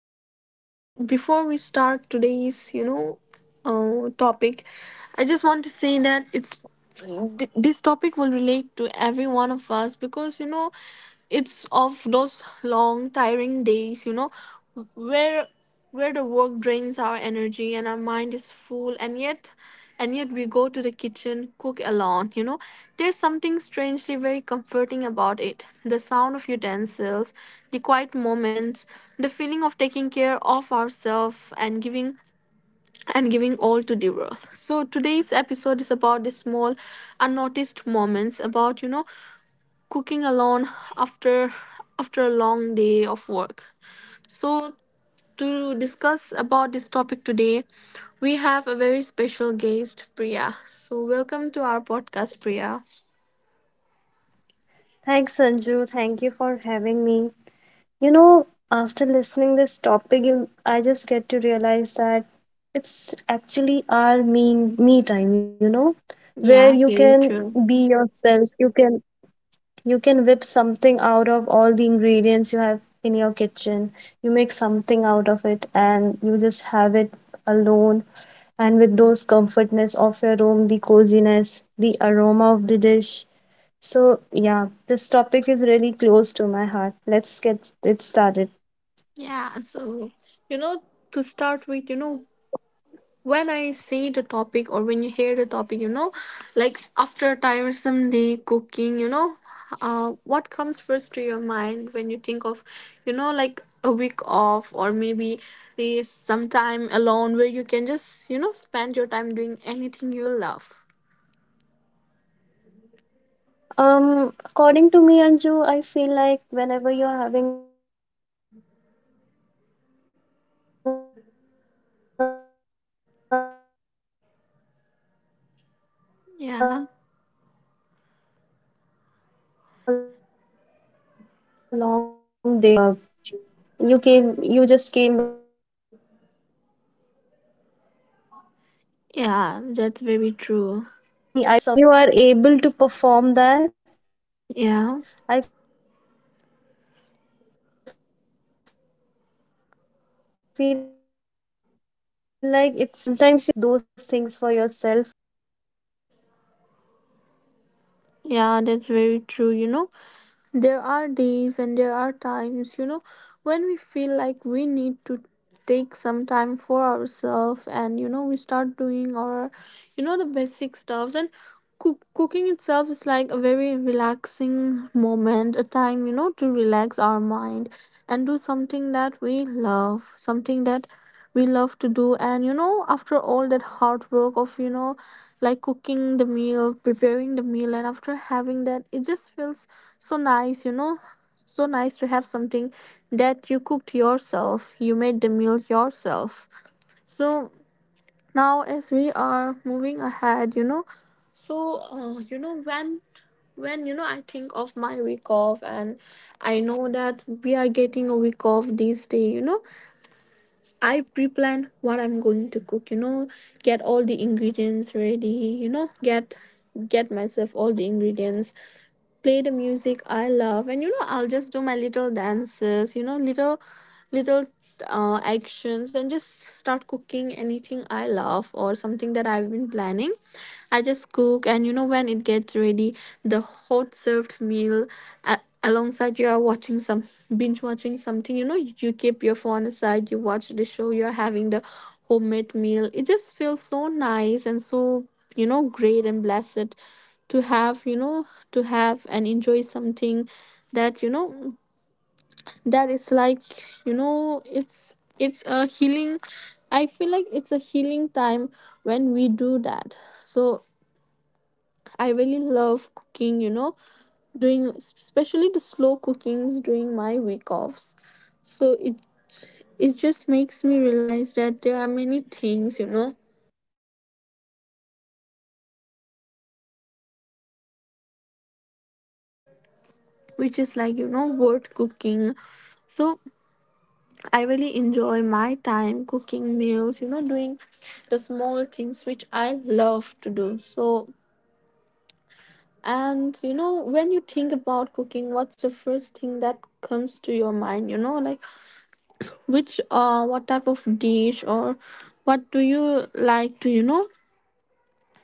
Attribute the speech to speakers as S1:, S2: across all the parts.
S1: you know, Before we start today's topic, I just want to say that this topic will relate to every one of us because it's of those long, tiring days, where the work drains our energy and our mind is full and yet we go to the kitchen, cook alone. There's something strangely very comforting about it, the sound of utensils, the quiet moments, the feeling of taking care of ourselves and giving all to the world. So today's episode is about the small, unnoticed moments about, cooking alone after after a long day of work. So to discuss about this topic today, we have a very special guest, Priya. So, welcome to our podcast, Priya.
S2: Thanks, Sanju. Thank you for having me. You know, after listening this topic, I just get to realize that it's actually our mean me time, you know, where
S1: Yeah,
S2: you
S1: very
S2: can
S1: true.
S2: be yourself. You can whip something out of all the ingredients you have in your kitchen. You make something out of it and you just have it alone and with those comfortness of your room, the coziness, the aroma the dish so, yeah, this topic is really close to my heart. Let's get it started.
S1: Yeah, so, you know, to start with, when I see the topic or when you hear the topic, like after a tiresome day cooking, what comes first to your mind when you think of, like a week off or maybe, some time alone where you can just, spend your time doing anything you love?
S2: According to me, Anju, I feel like whenever you're having a long day, when you're working in your office, and you just came back home, and
S1: Yeah,
S2: you just whip something of all the ingredients, you know, and make something eatable. Because for me, I feel like getting the energy to cook is something. It's like a
S1: yeah,
S2: first
S1: that's
S2: step.
S1: very true.
S2: And if you are able to perform that, I feel like
S1: Yeah.
S2: it's like a blessing you can do for yourself. And sometimes you know it happens that you're so tired you're not able to make those things for yourself. So if you are
S1: Yeah,
S2: able to
S1: that's very
S2: make
S1: true.
S2: something for yourself, it's
S1: There
S2: like a
S1: are
S2: blessing
S1: days and there
S2: because
S1: are
S2: while
S1: times,
S2: cooking, you know, when
S1: when
S2: you
S1: we
S2: go in
S1: feel
S2: your
S1: like we
S2: kitchen,
S1: need
S2: you
S1: to
S2: cook
S1: take some
S2: something,
S1: time for
S2: you gather
S1: ourselves,
S2: the
S1: and we
S2: ingredients,
S1: start
S2: chop
S1: doing our,
S2: everything, make
S1: the
S2: a
S1: basic
S2: make a
S1: stuffs,
S2: dish
S1: and
S2: out of it.
S1: cooking
S2: And you
S1: itself
S2: know,
S1: is
S2: in
S1: like a very
S2: those alone time, in
S1: relaxing
S2: those me
S1: moment, a
S2: time,
S1: time,
S2: you can
S1: to relax
S2: actually
S1: our
S2: talk to
S1: mind
S2: yourself,
S1: and do something
S2: figure
S1: that
S2: things
S1: we
S2: out.
S1: love, something
S2: And
S1: that we love to
S2: you know,
S1: do. And
S2: sometimes I keep
S1: after all that
S2: motivating
S1: hard work
S2: myself
S1: of,
S2: that
S1: like
S2: today I'll
S1: cooking
S2: make
S1: the
S2: something
S1: meal,
S2: better for
S1: preparing
S2: me
S1: the
S2: as
S1: meal,
S2: I
S1: and
S2: did
S1: after
S2: so
S1: having that it just
S2: well in
S1: feels
S2: my work.
S1: so nice you
S2: So
S1: know
S2: for me,
S1: so nice to have
S2: cooking
S1: something
S2: something is like
S1: that you cooked
S2: giving a
S1: yourself, you
S2: treat to
S1: made the meal
S2: myself.
S1: yourself.
S2: And
S1: So
S2: I just feel like
S1: now
S2: that
S1: as we are moving
S2: many of
S1: ahead you
S2: us
S1: know
S2: may lack those
S1: When
S2: you know the
S1: when I
S2: etiquettes to
S1: think
S2: make
S1: of my
S2: food for
S1: week off,
S2: themselves, but
S1: and
S2: it's
S1: I
S2: it's
S1: know
S2: not like
S1: that
S2: that. You
S1: we
S2: know,
S1: are
S2: you can
S1: getting a
S2: make
S1: week off
S2: anything. It
S1: this day,
S2: it's not required
S1: I
S2: that you
S1: pre-plan what
S2: have to
S1: I'm
S2: make
S1: going to cook,
S2: something
S1: get
S2: complicated.
S1: all the
S2: You can
S1: ingredients
S2: make
S1: ready,
S2: dishes you
S1: get
S2: like. You can
S1: myself
S2: try,
S1: all
S2: you
S1: the
S2: know, the trial
S1: ingredients,
S2: and errors.
S1: play the
S2: You can
S1: music
S2: make
S1: I love, and
S2: mistakes,
S1: I'll just
S2: and
S1: do
S2: you
S1: my
S2: know,
S1: little
S2: you
S1: dances,
S2: learn
S1: little
S2: from those
S1: little
S2: mistakes. You know, sometimes
S1: actions and
S2: maybe
S1: just
S2: the
S1: start
S2: saltiness
S1: cooking
S2: may
S1: anything I
S2: may be
S1: love or
S2: may be
S1: something that
S2: high,
S1: I've been
S2: or
S1: planning.
S2: sometimes the
S1: I just
S2: spiciness may be
S1: cook, and
S2: low.
S1: when it
S2: You
S1: gets
S2: can just
S1: ready, the
S2: experiment with your
S1: hot
S2: food
S1: served
S2: as well.
S1: meal. I,
S2: And for
S1: alongside,
S2: me,
S1: you are watching some,
S2: whenever I
S1: binge
S2: cook,
S1: watching
S2: I it's
S1: something,
S2: like
S1: you keep your phone
S2: I just
S1: aside, you
S2: get
S1: watch the
S2: a
S1: show, you're
S2: time with
S1: having the homemade
S2: myself.
S1: meal, it just
S2: And
S1: feels
S2: during the
S1: so
S2: day,
S1: nice, and
S2: whenever you're
S1: so,
S2: working in your
S1: great
S2: office,
S1: and
S2: you never get
S1: blessed
S2: that
S1: to have
S2: time
S1: you
S2: for
S1: know
S2: yourself, you
S1: to
S2: know.
S1: have and
S2: You are
S1: enjoy
S2: being,
S1: something
S2: you are in
S1: that,
S2: the middle of everyone, your
S1: that
S2: co
S1: is like,
S2: workers, or maybe your boss.
S1: it's
S2: You're
S1: it's a
S2: working with
S1: healing,
S2: everyone
S1: I feel like it's a
S2: and
S1: healing time
S2: you're not
S1: when we
S2: getting
S1: do
S2: that
S1: that.
S2: me time.
S1: So
S2: You're not able to get
S1: I
S2: those
S1: really love
S2: conversation you
S1: cooking,
S2: should really have when you
S1: doing
S2: are alone.
S1: especially the slow
S2: And you
S1: cookings
S2: know,
S1: during my
S2: the
S1: week offs.
S2: cooking really
S1: So it
S2: connects me to that
S1: it
S2: zone
S1: just
S2: of
S1: makes
S2: mine.
S1: me realize that there are many things, which is like, worth cooking. So I really enjoy my time cooking meals, doing the small things which I love to do. So, and when you think about cooking, what's the first thing that comes to your mind, which, what type of dish, or what do you like to,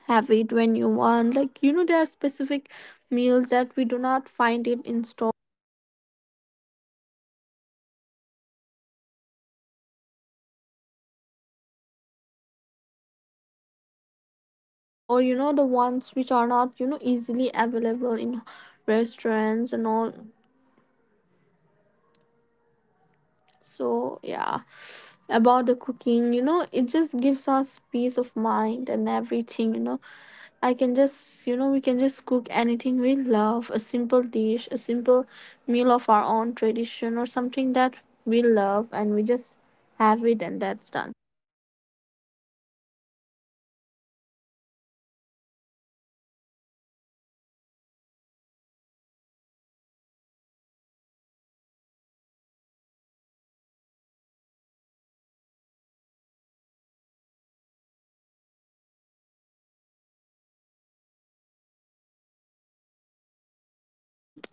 S1: have it when you want? Like, there are specific meals that we do not find it in store, or the ones which are not, easily available in restaurants and all. So, yeah, about the cooking, it just gives us peace of mind and everything, I can just, you know, we can just cook anything we love, a simple dish, a simple meal of our own tradition or something that we love, and we just have it, and that's done.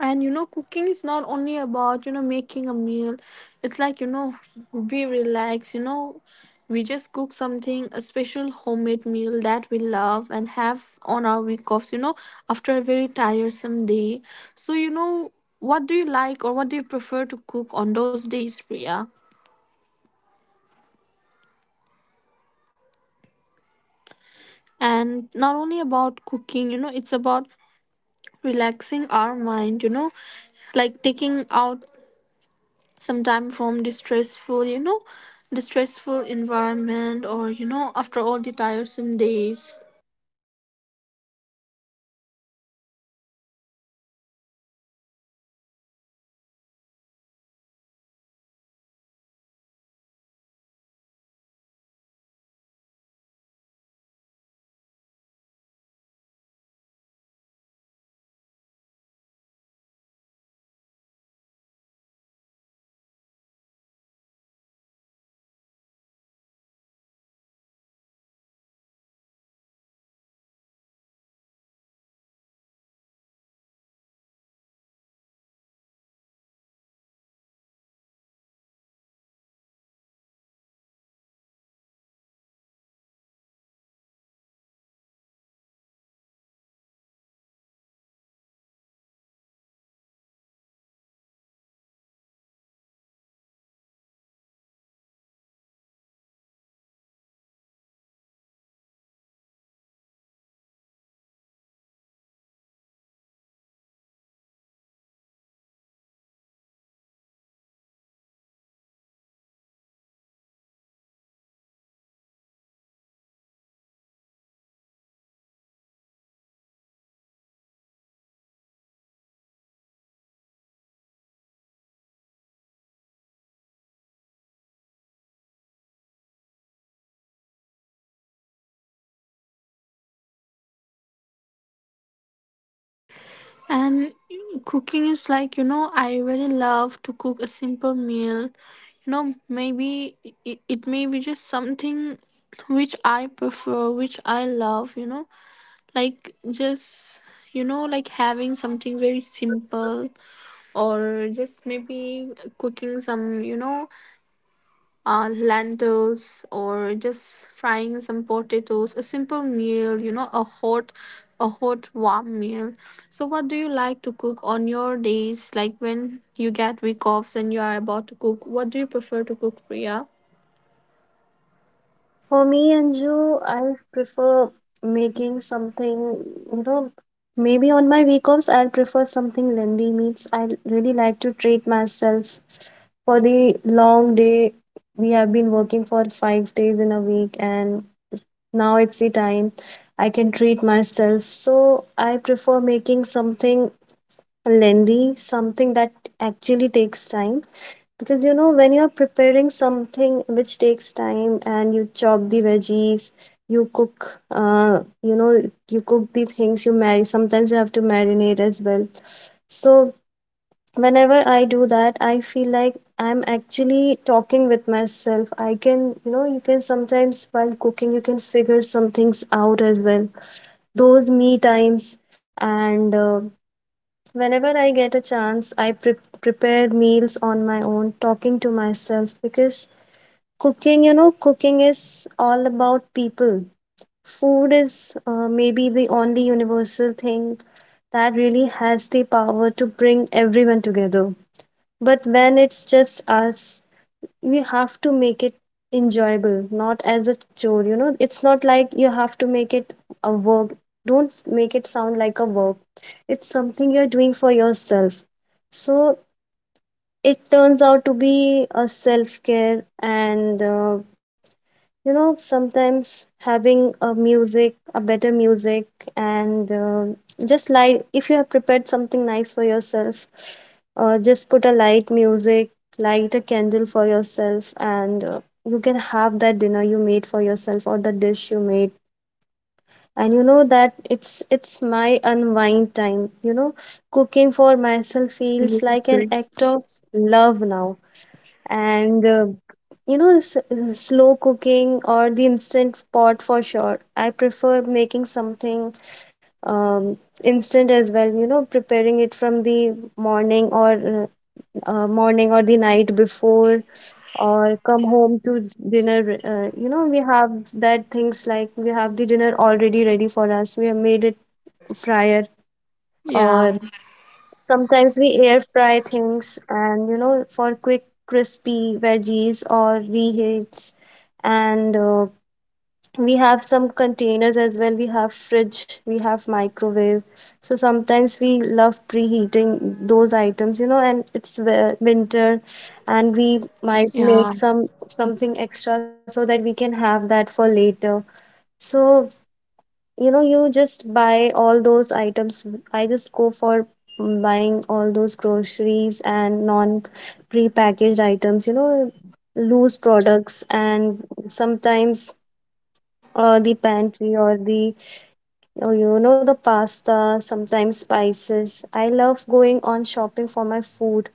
S1: And cooking is not only about, making a meal. It's like, we relax, we just cook something, a special homemade meal that we love and have on our week offs, after a very tiresome day. So, what do you like or what do you prefer to cook on those days, priya? And not only about cooking, it's about relaxing our mind, like taking out sometimes from distressful environment, or after all the tiresome days. And cooking is like, I really love to cook a simple meal, maybe it may be just something which I prefer, which I love, like just, like having something very simple, or just maybe cooking some, lentils, or just frying some potatoes, a simple meal, a hot, warm meal. So what do you like to cook on your days, like when you get week offs and you are about to cook, what do you prefer to cook, priya?
S2: For me, Anju, I prefer making something, you know, maybe on my week offs, I'll prefer something lengthy meals. I really like to treat myself for the long day. We have been working for 5 days in a week, and now it's the time I can treat myself. So I prefer making something lengthy, something that actually takes time because you know, when you're preparing something which takes time and you chop the veggies, you cook, you know, you cook the things, you marinate. Sometimes you have to marinate as well. So whenever I do that, I feel like I'm actually talking with myself. I can, you know, you can sometimes while cooking, you can figure some things out as well. Those me times. And whenever I get a chance, I prepare meals on my own, talking to myself because cooking, you know, cooking is all about people. Food is maybe the only universal thing that really has the power to bring everyone together. But when it's just us, we have to make it enjoyable, not as a chore. You know, it's not like you have to make it a work. Don't make it sound like a work. It's something you're doing for yourself. So it turns out to be a self care. And you know, sometimes having a music, a better music, and just light, if you have prepared something nice for yourself, just put a light music, light a candle for yourself, and you can have that dinner you made for yourself or the dish you made. And you know that it's my unwind time. You know, cooking for myself feels like an act of love now. And you know, slow cooking or the instant pot, for sure I prefer making something um, instant as well. You know, preparing it from the morning or morning or the night before, or come home to dinner. You know, we have that things like we have the dinner already ready for us. We have made it prior.
S1: Yeah,
S2: Or sometimes we air fry things and you know for quick crispy veggies or reheats. And we have some containers as well. We have fridge, we have microwave. So sometimes we love preheating those items, you know. And it's winter
S1: yeah,
S2: and we might make some something extra so that we can have that for later. So you know, you just buy all those items. I just go for buying all those groceries and non prepackaged items, you know, loose products. And sometimes the pantry or the oh, you know the pasta, sometimes spices, I love going on shopping for my food.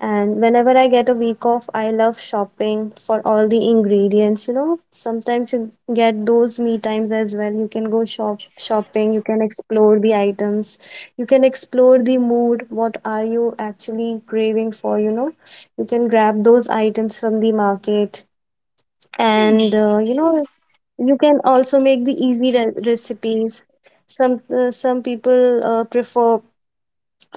S2: And whenever I get a week off, I love shopping for all the ingredients. You know, sometimes you get those me times as well. You can go shop shopping, you can explore the items, you can explore the mood. What are you actually craving for? You know, you can grab those items from the market, and you know, you can also make the easy recipes. Some people uh, prefer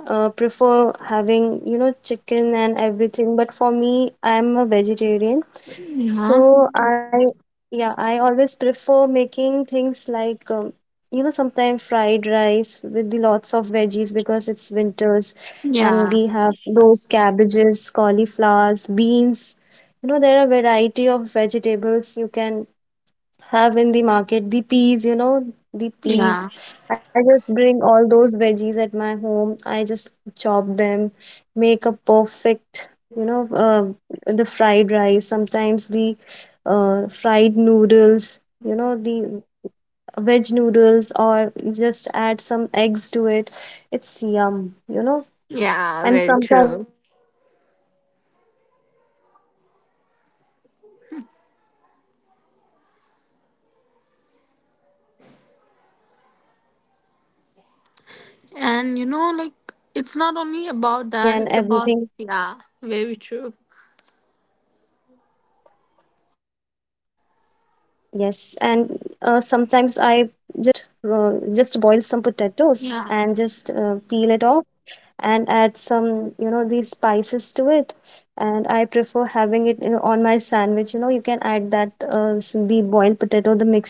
S2: uh, prefer having you know chicken and everything, but for me, I'm a vegetarian.
S1: yeah,
S2: So I yeah, I always prefer making things like you know, sometimes fried rice with the lots of veggies because it's winters. And
S1: yeah,
S2: we have those cabbages, cauliflowers, beans. You know, there are variety of vegetables you can have in the market, the peas, you know, the
S1: yeah,
S2: peas. I just bring all those veggies at my home. I just chop them, make a perfect, you know, the fried rice, sometimes the fried noodles, you know, the veg noodles, or just add some eggs to it. It's yum, you know.
S1: yeah,
S2: And
S1: very true.
S2: sometimes having oats or smoothies, you know. And sometimes I try to make parfaits as well. And um, sometimes I make salads, you
S1: And
S2: know, layering the
S1: it's not only
S2: dresses
S1: about
S2: dressing
S1: that,
S2: and
S1: it's about,
S2: everything.
S1: yeah, very true.
S2: Yes. And sometimes I just uh, just boil some potatoes and just
S1: Yeah,
S2: peel it off and add some, you know, these spices to it. And I prefer having it, you know, on my sandwich. You know, you can add that the boiled potato, the mixture,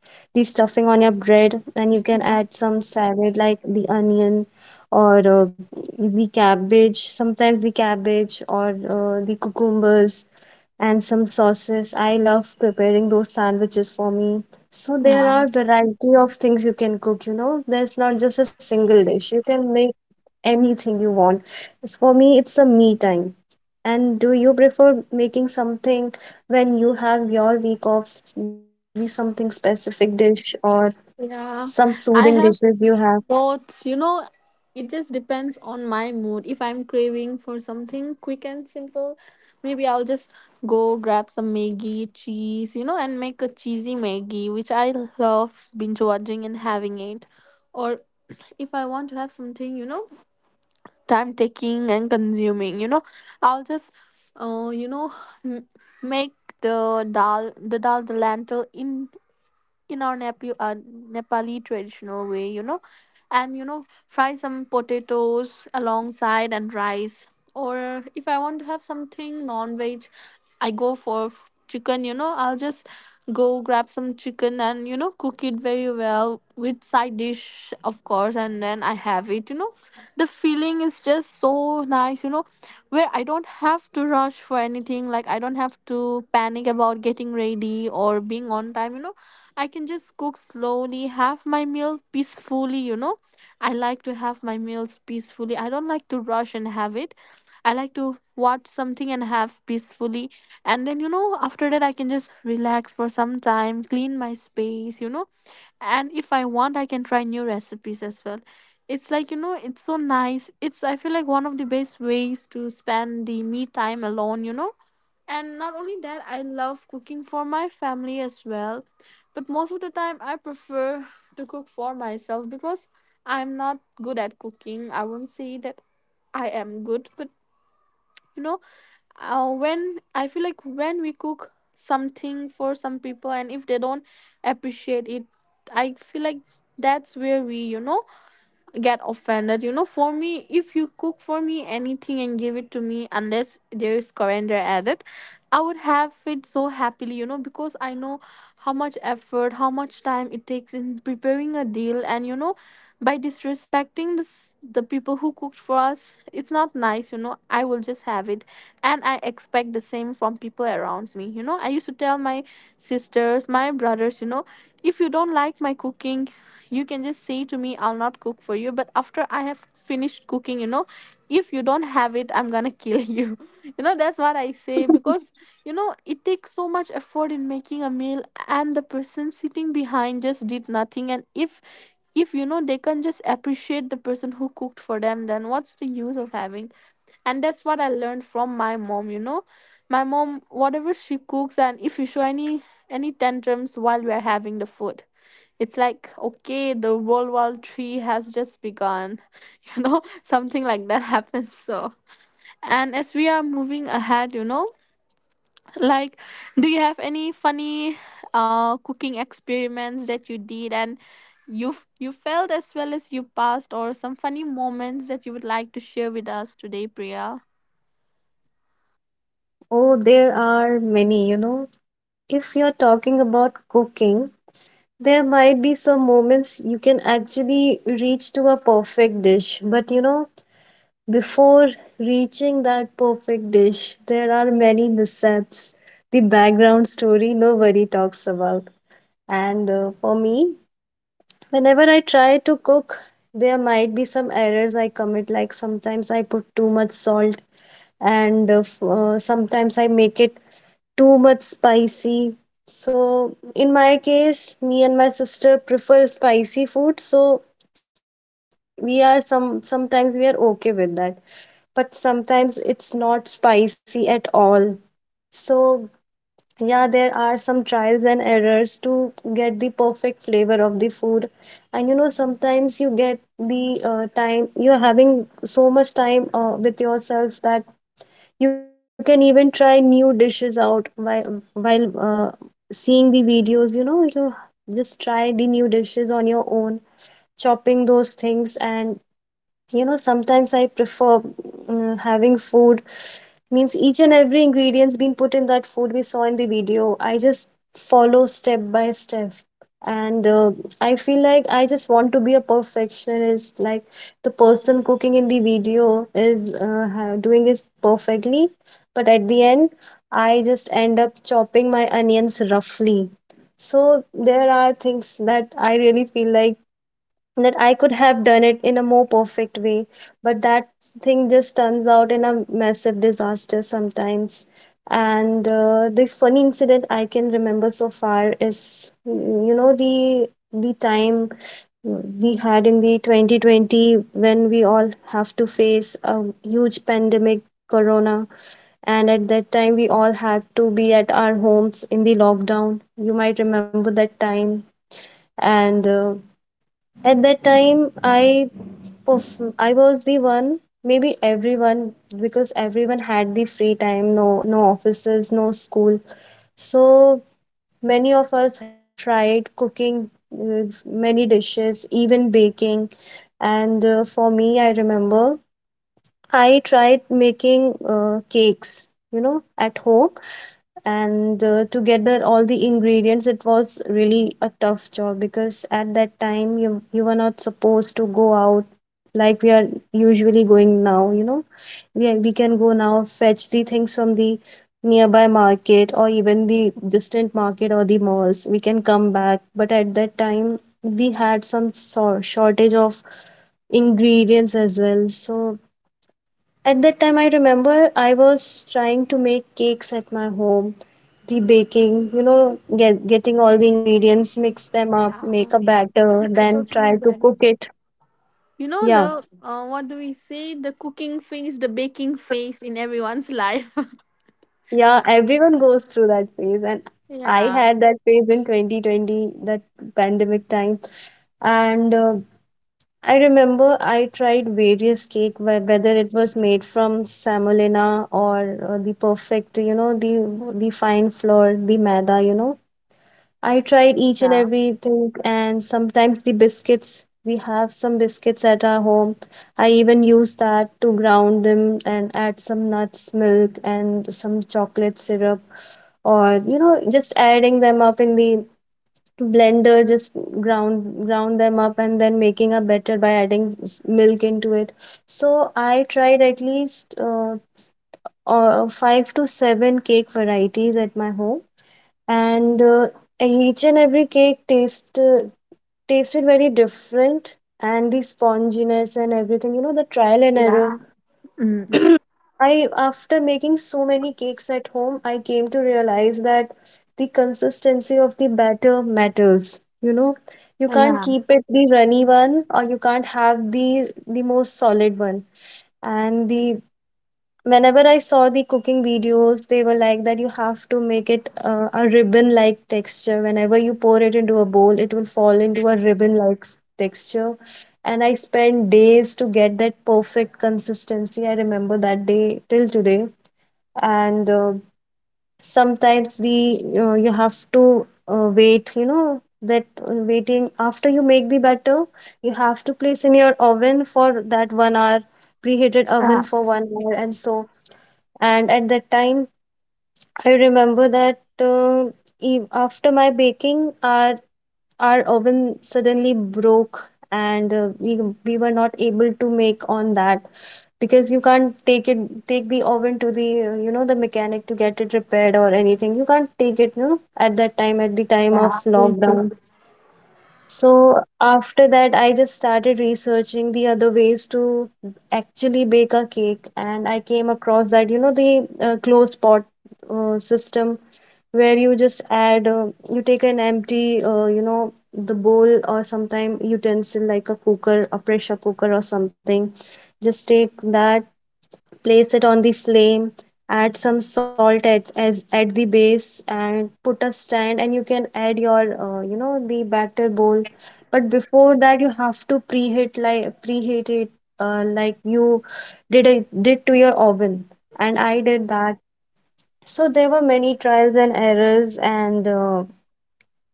S2: the stuffing on your bread, and you can
S1: yeah,
S2: add some salad like the onion, or the cabbage. Sometimes the cabbage or the cucumbers and some sauces. I love preparing those sandwiches for me. So there
S1: yeah.
S2: are variety of things you can cook, you know. There's not just a single dish. You can make anything you want. For me, it's a me time. And do you prefer making something when you have your week off, the something specific dish or some
S1: Yeah,
S2: soothing
S1: I
S2: dishes
S1: have
S2: you have?
S1: thoughts. You know, it just depends on my mood. If I'm craving for something quick and simple, maybe I'll just go grab some maggi cheese, and make a cheesy maggi, which I love binge watching and having it. Or if I want to have something, time taking and consuming, I'll just, uh, you know, m- make the dal, the lentil in our Nepali traditional way, and fry some potatoes alongside and rice. Or if I want to have something non veg, I go for chicken, I'll just go grab some chicken, and cook it very well with side dish, of course, and then I have it, you know. The feeling is just so nice, where I don't have to rush for anything, like I don't have to panic about getting ready or being on time, I can just cook slowly, have my meal peacefully, you know. I like to have my meals peacefully. I don't like to rush and have it. I like to watch something and have peacefully. And then, after that, I can just relax for some time, clean my space, you know. And if I want, I can try new recipes as well. It's like, it's so nice. It's, I feel like, one of the best ways to spend the me time alone, you know. And not only that, I love cooking for my family as well. But most of the time, I prefer to cook for myself because I'm not good at cooking. I won't say that I am good, but you know, when I feel like when we cook something for some people and if they don't appreciate it, I feel like that's where we, get offended. You know, for me, if you cook for me anything and give it to me, unless there is coriander added, I would have it so happily, because I know how much effort, how much time it takes in preparing a deal. And, by disrespecting the people who cooked for us, it's not nice, you know. I will just have it. And I expect the same from people around me, you know. I used to tell my sisters, my brothers, if you don't like my cooking, you can just say to me, I'll not cook for you, but after I have finished cooking, if you don't have it, I'm gonna kill you, that's what I say, because it takes so much effort in making a meal, and the person sitting behind just did nothing, and if they can just appreciate the person who cooked for them, then what's the use of having. And that's what I learned from my mom, my mom, whatever she cooks, and if you show any tantrums while we're having the food, it's like, okay, the World War Three has just begun, something like that happens. So, and as we are moving ahead, like, do you have any funny, cooking experiments that you did and you failed as well as you passed, or some funny moments that you would like to share with us today, Priya?
S2: Oh, there are many, you know. If you're talking about cooking, there might be some moments you can actually reach to a perfect dish, but you know, before reaching that perfect dish, there are many mishaps, the background story nobody talks about. And for me, whenever I try to cook, there might be some errors I commit, like sometimes I put too much salt, and sometimes I make it too much spicy. So, in my case, me and my sister prefer spicy food, so we are some sometimes we are okay with that, but sometimes it's not spicy at all. So, yeah, there are some trials and errors to get the perfect flavor of the food. And you know, sometimes you get the time, you're having so much time with yourself that you can even try new dishes out while seeing the videos. You know, you just try the on your own, chopping those things and sometimes I prefer having food means each and every ingredients being put in that food we saw in the video. I just follow step by step and feel like I just want to be a perfectionist like the person cooking in the video is doing it perfectly, but at the end I just end up chopping my onions roughly. There are things that I really feel like that I could have done it in a more perfect way, but that thing just turns out in a massive disaster sometimes. And the funny incident I can remember so far is, you know, the time we had in the 2020 when we all have to face a huge pandemic, corona, and at that time we all had to be at our homes in the lockdown. You might remember that time. And. At that time, I I was the one, maybe everyone, because everyone had the free time, no offices, no school. So many of us have tried cooking uh, many dishes, even baking. And for me, I remember I tried making cakes, you know, at home, and to gather all the ingredients it was really a tough job, because at that time you were not supposed to go out like we are usually going now. You know, we can go now, fetch the things from the nearby market or even the distant market or the malls, we can come back. But at that time we had some shortage of ingredients as well. So at that time, I remember I was trying to make cakes at my home. The baking, you know, getting all the ingredients, mix them up,
S1: Yeah,
S2: make a batter,
S1: I
S2: then try
S1: totally
S2: to
S1: get
S2: cook
S1: it.
S2: it.
S1: You know
S2: Yeah,
S1: the, what do we say? The cooking phase, the baking phase in everyone's life.
S2: yeah, everyone goes through that phase. And I
S1: Yeah.
S2: had that phase in 2020, that pandemic time. And I remember I tried various cake, whether it was made from semolina or the perfect, you know, the fine flour, the maida, you know, I tried each and everything, and sometimes the biscuits. We have some biscuits at our home. I even use that to ground them and add some nuts, milk, and some chocolate syrup, or you know, just adding them up in the blender, just ground them up, and then making a batter by adding milk into it. So I tried at least five to seven cake varieties at my home, and each and every cake tasted very different, and the sponginess and everything, you know, the trial and error.
S1: Yeah. Mm.
S2: I, after making so many cakes at home, I came to realize that the consistency of the batter matters, you know. You can't
S1: Yeah.
S2: keep it the runny one or you can't have the most solid one. And the, whenever I saw the cooking videos, they were like that you have to make it a ribbon like texture. Whenever you pour it into a bowl, it will fall into a ribbon like texture. And I spent days to get that perfect consistency. I remember that day till today. And sometimes the you have to wait, you know, that waiting after you make the batter, you have to place in your oven for that 1 hour, preheated oven
S1: Yeah.
S2: for 1 hour, and so. And at that time I remember that after my baking, our oven suddenly broke, and we were not able to make on that, because you can't take it, take the oven to the you know the mechanic to get it repaired or anything. You can't take it, you know, at that time, at the time of
S1: Yeah. Me too.
S2: lockdown. So after that, I just started researching the other ways to actually bake a cake, and I came across that, you know, the closed pot system, where you just add you take an empty you know the bowl or sometime utensil like a cooker, a pressure cooker or something. Just take that, place it on the flame, add some salt at as at the base, and put a stand, and you can add your you know the batter bowl. But before that you have to preheat, like preheat it, like you did to your oven. And I did that. So there were many trials and errors, and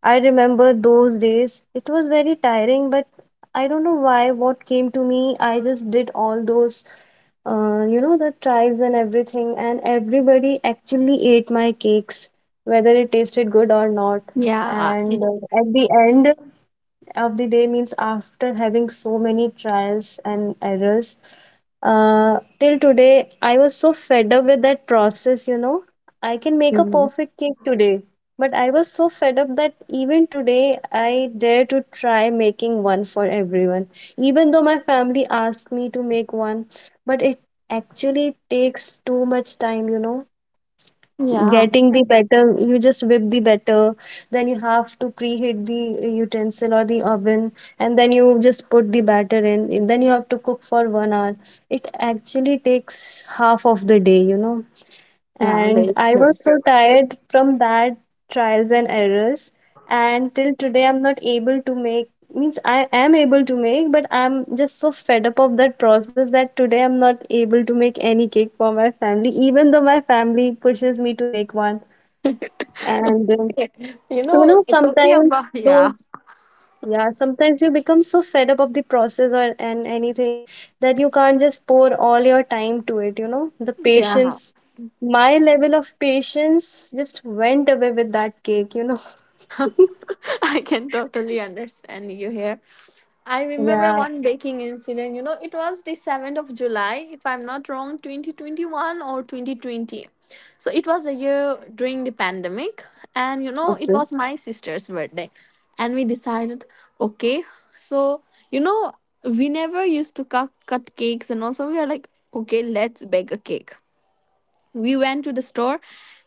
S2: I remember those days. It was very tiring, but I don't know why what came to me. I just did all those, you know, the trials and everything, and everybody actually ate my cakes, whether it tasted good or not.
S1: Yeah.
S2: And
S1: It's
S2: at the end of the day means after having so many trials and errors, till today I was so fed up with that process, you know. I can make a
S1: true.
S2: perfect cake today, but I was so fed up that even today I dare to try making one for everyone, even though my family asked me to make one. But it actually takes too much time, you know.
S1: Yeah.
S2: Getting the batter, you just whip the batter, then you have to preheat the utensil or the oven, and then you just put the batter in, then you have to cook for 1 hour. It actually takes half of the day, you know.
S1: Yeah.
S2: And
S1: Me
S2: I
S1: too.
S2: was so tired from that trials and errors. And till today, I'm not able to make, means I am able to make, but I'm just so fed up of that process that today I'm not able to make any cake for my family, even though my family pushes me to make one. And
S1: You
S2: you know,
S1: know, talking
S2: sometimes
S1: about yeah.
S2: those, yeah, sometimes you become so fed up of the process or and anything that you can't just pour all your time to it, you know? The
S1: Yeah.
S2: patience, my level of patience just went away with that cake, you know?
S1: I can totally understand you here. I remember
S2: Yeah,
S1: one baking incident. You know, it was the 7th of July, if I'm not wrong, 2021 or 2020. So it was a year during the pandemic. And, you know, it
S2: okay,
S1: was my sister's birthday. And we decided, okay, so, you know, we never used to cut cakes. And also, we are like, okay, let's bake a cake. We went to the store,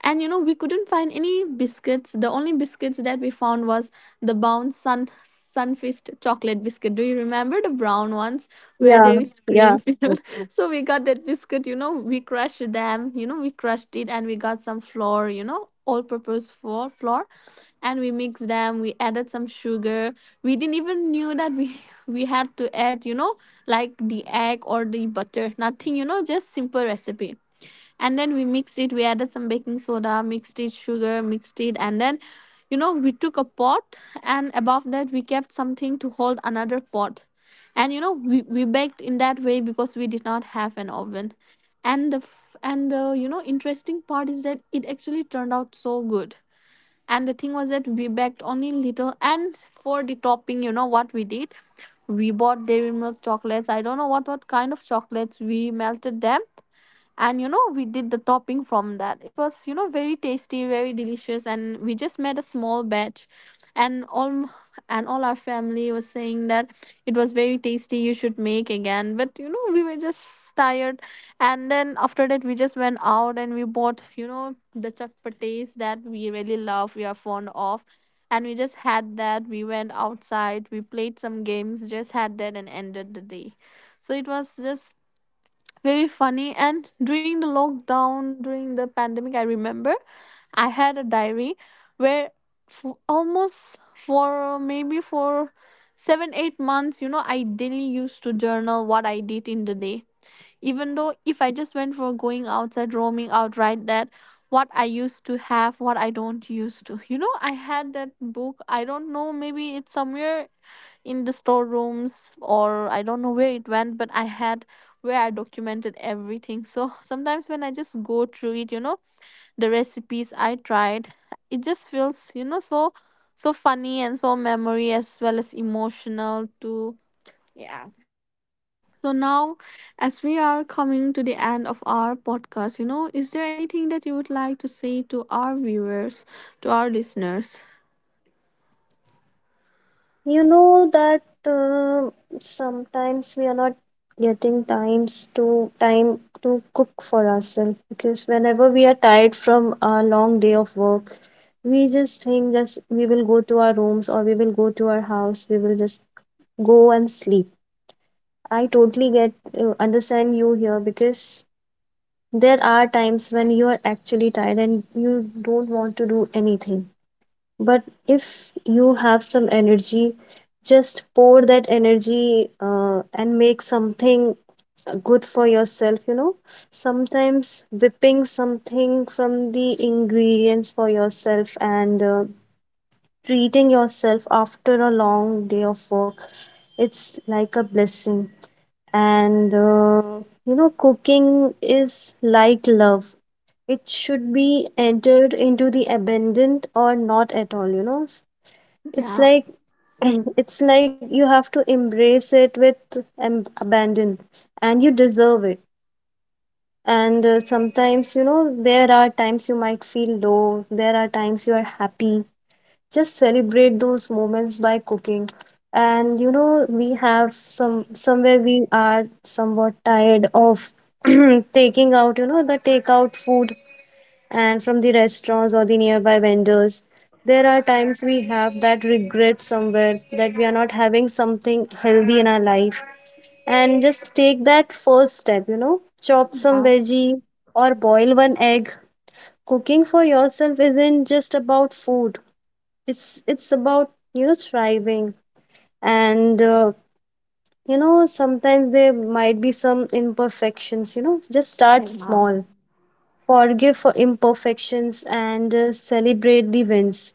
S1: and you know, we couldn't find any biscuits. The only biscuits that we found was the bounce sun sunfist chocolate biscuit. Do you remember the brown ones where
S2: yeah,
S1: there is
S2: yeah.
S1: cream
S2: Mm.
S1: filled? So we got that biscuit, you know, we crushed them, you know, we crushed it, and we got some flour, you know, all purpose flour. And we mixed them, we added some sugar. We didn't even knew that we had to add, you know, like the egg or the butter, nothing, you know, just simple recipe. And then we mixed it, we added some baking soda, mixed it, sugar, mixed it, and then, you know, we took a pot, and above that we kept something to hold another pot. And you know, we baked in that way because we did not have an oven. And and the, you know, interesting part is that it actually turned out so good. And the thing was that we baked only little. And for the topping, you know what we did, we bought dairy milk chocolates, I don't know what kind of chocolates, we melted them. And you know, we did the topping from that. It was, you know, very tasty, very delicious, and we just made a small batch. And and all our family was saying that it was very tasty, you should make again, but you know, we were just tired. And then after that, we just went out and we bought, you know, the chappatis that we really love, we are fond of. And we just had that, we went outside, we played some games, just had that, and ended the day. So it was just very funny. And during the lockdown, during the pandemic, I remember I had a diary where for almost for maybe for 7 or 8 months, you know, I daily used to journal what I did in the day, even though if I just went for going outside, roaming out, right, that what I used to have, what I don't used to, you know, I had that book, I don't know, maybe it's somewhere in the storerooms, or I don't know where it went, but I had where I documented everything. So sometimes when I just go through it, you know, the recipes I tried, it just feels, you know, so so funny and so memory as well as emotional too. Yeah. So now as we are coming to the end of our podcast, you know, is there anything that you would like to say to our viewers, to our listeners?
S2: You know that sometimes we are not getting time to cook for ourselves, because whenever we are tired from a long day of work, we just think, just we will go to our rooms or we will go to our house, we will just go and sleep. I totally get understand you here, because there are times when you are actually tired and you don't want to do anything. But if you have some energy, just pour that energy and make something good for yourself, you know. Sometimes whipping something from the ingredients for yourself, and treating yourself after a long day of work, it's like a blessing. And you know, cooking is like love. It should be entered into the abandoned or not at all, you know. It's
S1: Yeah.
S2: like it's like you have to embrace it with abandon, and you deserve it. And sometimes, you know, there are times you might feel low, there are times you are happy. Just celebrate those moments by cooking. And you know, we have some, somewhere we are somewhat tired of taking out, you know, the takeout food and from the restaurants or the nearby vendors. There are times we have that regret somewhere that we are not having something healthy in our life. And just take that first step, you know, chop some
S1: Yeah.
S2: veggie or boil one egg. Cooking for yourself isn't just about food, it's about, you know, thriving. And you know, sometimes there might be some imperfections, you know, just start
S1: Yeah.
S2: small, forgive for imperfections, and celebrate the wins.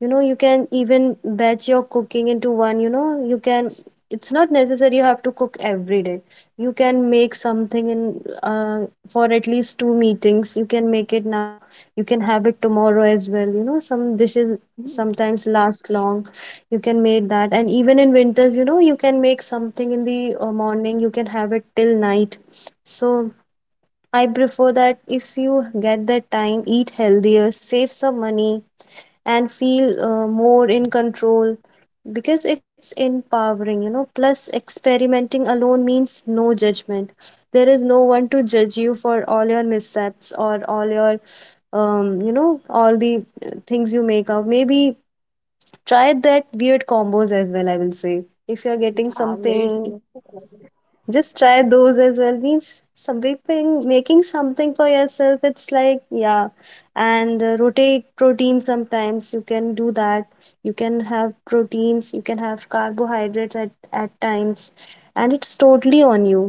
S2: You know, you can even batch your cooking into one, you know. You can, it's not necessary you have to cook every day. You can make something in uh, for at least two meetings, you can make it now, you can have it tomorrow as well, you know. Some dishes
S1: Mhm.
S2: sometimes last long. You can make that, and even in winters, you know, you can make something in the morning, you can have it till night. So I prefer that if you get that time, eat healthier, save some money, and feel more in control, because it's empowering, you know. Plus, experimenting alone means no judgment. There is no one to judge you for all your missteps or all your, you know, all the things you make out. Maybe try that weird combos as well, I will say. If you're getting
S1: Yeah. Very
S2: something, just try those as well. Means something, making something for yourself. It's like, yeah, and rotate protein. Sometimes you can do that. You can have proteins, you can have carbohydrates at times, and it's totally on you.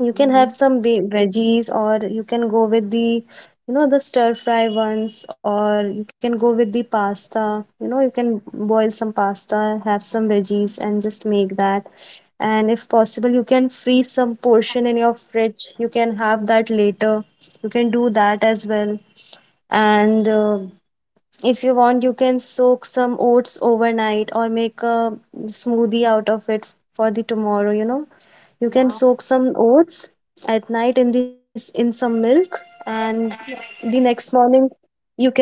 S2: You can have
S1: true.
S2: some veggies, or you can go with the, you know, the stir fry ones, or you can go with the pasta. You know, you can boil some pasta, have some veggies, and just make that. And if possible, you can freeze some portion in your fridge. You can have that later. You can do that as well. And if you want, you can soak some oats overnight or make a smoothie out of it for the tomorrow, you know. You can
S1: Yeah.
S2: soak some oats at night in this in some milk, and the next morning you can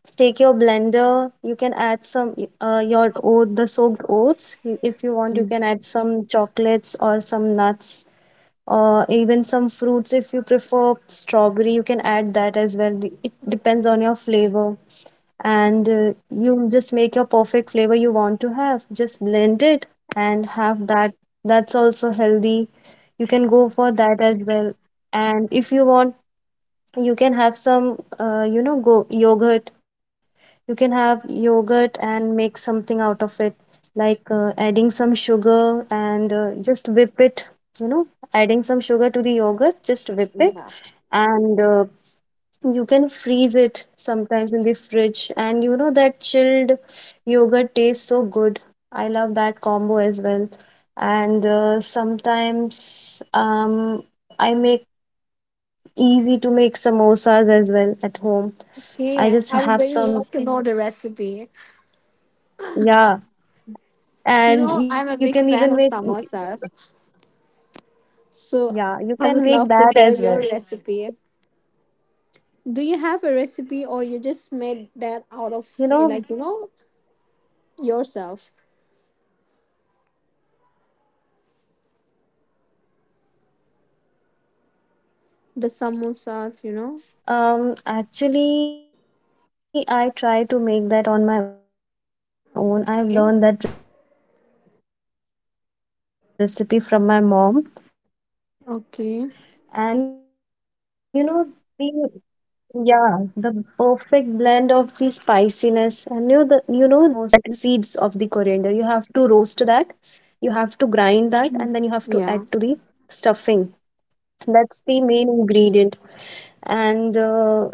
S2: take your blender, you can add some your oat the soaked oats. If you want, you can add some chocolates or some nuts, or even some fruits if you prefer strawberry, you can add that as well. It depends on your flavor, and you just make your perfect flavor you want to have, just blend it and have that. That's also healthy. You can go for that as well. And if you want, you can have some you know go yogurt. You can have yogurt and make something out of it, like adding some sugar and just whip it. You know, adding some sugar to the yogurt, just whip it. And you can freeze it sometimes in the fridge, and you know that chilled yogurt tastes so good. I love that combo as well. And sometimes I make easy to make samosas as well at home.
S1: Okay,
S2: I
S1: I
S2: just
S1: would really
S2: have
S1: love to
S2: some,
S1: know the recipe.
S2: yeah,
S1: You know, I'm
S2: and
S1: a
S2: you
S1: big
S2: can
S1: fan
S2: even
S1: of
S2: make,
S1: samosas, so I would love to hear your recipe. Do you have a recipe, or you just made that out of,
S2: yeah, you
S1: like, you
S2: can
S1: know,
S2: make that as well.
S1: yourself?
S2: You know,
S1: The samosas, you know.
S2: Actually, I try to make
S1: Okay. Okay.
S2: that on my own. I've learned that perfect blend of the spiciness and you the you know the main ingredient. The main ingredient in our samosas is that,
S1: Yeah.
S2: you know, I know you hate recipe from my mom, and you know the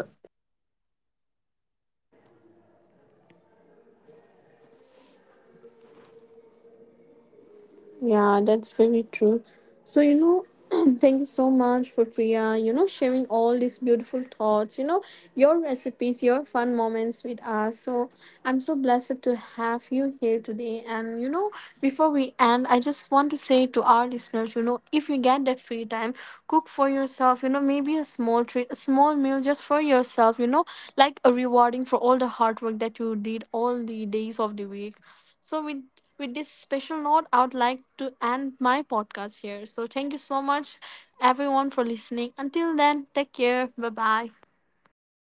S2: yeah, the perfect coriander. But we have to add that, you know, the whole coriander, the seeds of the coriander. You
S1: Yeah,
S2: have to
S1: that's
S2: roast
S1: very true.
S2: that,
S1: So,
S2: you
S1: you
S2: have
S1: know,
S2: to grind
S1: thank you
S2: that,
S1: so
S2: and then you
S1: much
S2: have
S1: for
S2: to add
S1: Priya,
S2: to
S1: you
S2: the
S1: know, sharing all these
S2: stuffing.
S1: beautiful thoughts, you know,
S2: That's the main
S1: your recipes,
S2: ingredient.
S1: your fun moments with
S2: And
S1: us. So, I'm so
S2: you
S1: blessed
S2: know,
S1: to have you here today.
S2: the
S1: And, you
S2: you
S1: know,
S2: know, whenever
S1: before
S2: you
S1: we
S2: make a
S1: end, I just
S2: samosa,
S1: want
S2: you
S1: to say
S2: can
S1: to our listeners, you
S2: prefer
S1: know, if you get that free
S2: either you
S1: time,
S2: can stir
S1: cook for
S2: fry it,
S1: yourself,
S2: or
S1: you know,
S2: even you
S1: maybe a
S2: can
S1: small treat, a small
S2: if
S1: meal
S2: you
S1: just
S2: want you
S1: for
S2: can air
S1: yourself, you
S2: fry
S1: know,
S2: that as
S1: like
S2: well.
S1: a
S2: If you have
S1: rewarding
S2: a
S1: for all the
S2: air
S1: hard
S2: fryer,
S1: work
S2: you
S1: that
S2: can
S1: you
S2: go for
S1: did
S2: that
S1: all
S2: as
S1: the
S2: well,
S1: days
S2: because
S1: of the
S2: in
S1: week.
S2: that way
S1: So
S2: your
S1: with this
S2: samosas are
S1: special
S2: not
S1: note,
S2: the
S1: I would
S2: deep
S1: like
S2: fried
S1: to
S2: ones,
S1: end
S2: they are
S1: my
S2: the healthy
S1: podcast here.
S2: ones.
S1: So thank you
S2: So
S1: so
S2: you can
S1: much
S2: experiment
S1: everyone
S2: with
S1: for
S2: that as
S1: listening.
S2: well.
S1: Until
S2: Even you
S1: then,
S2: can
S1: take
S2: go for
S1: care. Bye
S2: kachoris,
S1: bye.
S2: you know, kachoris.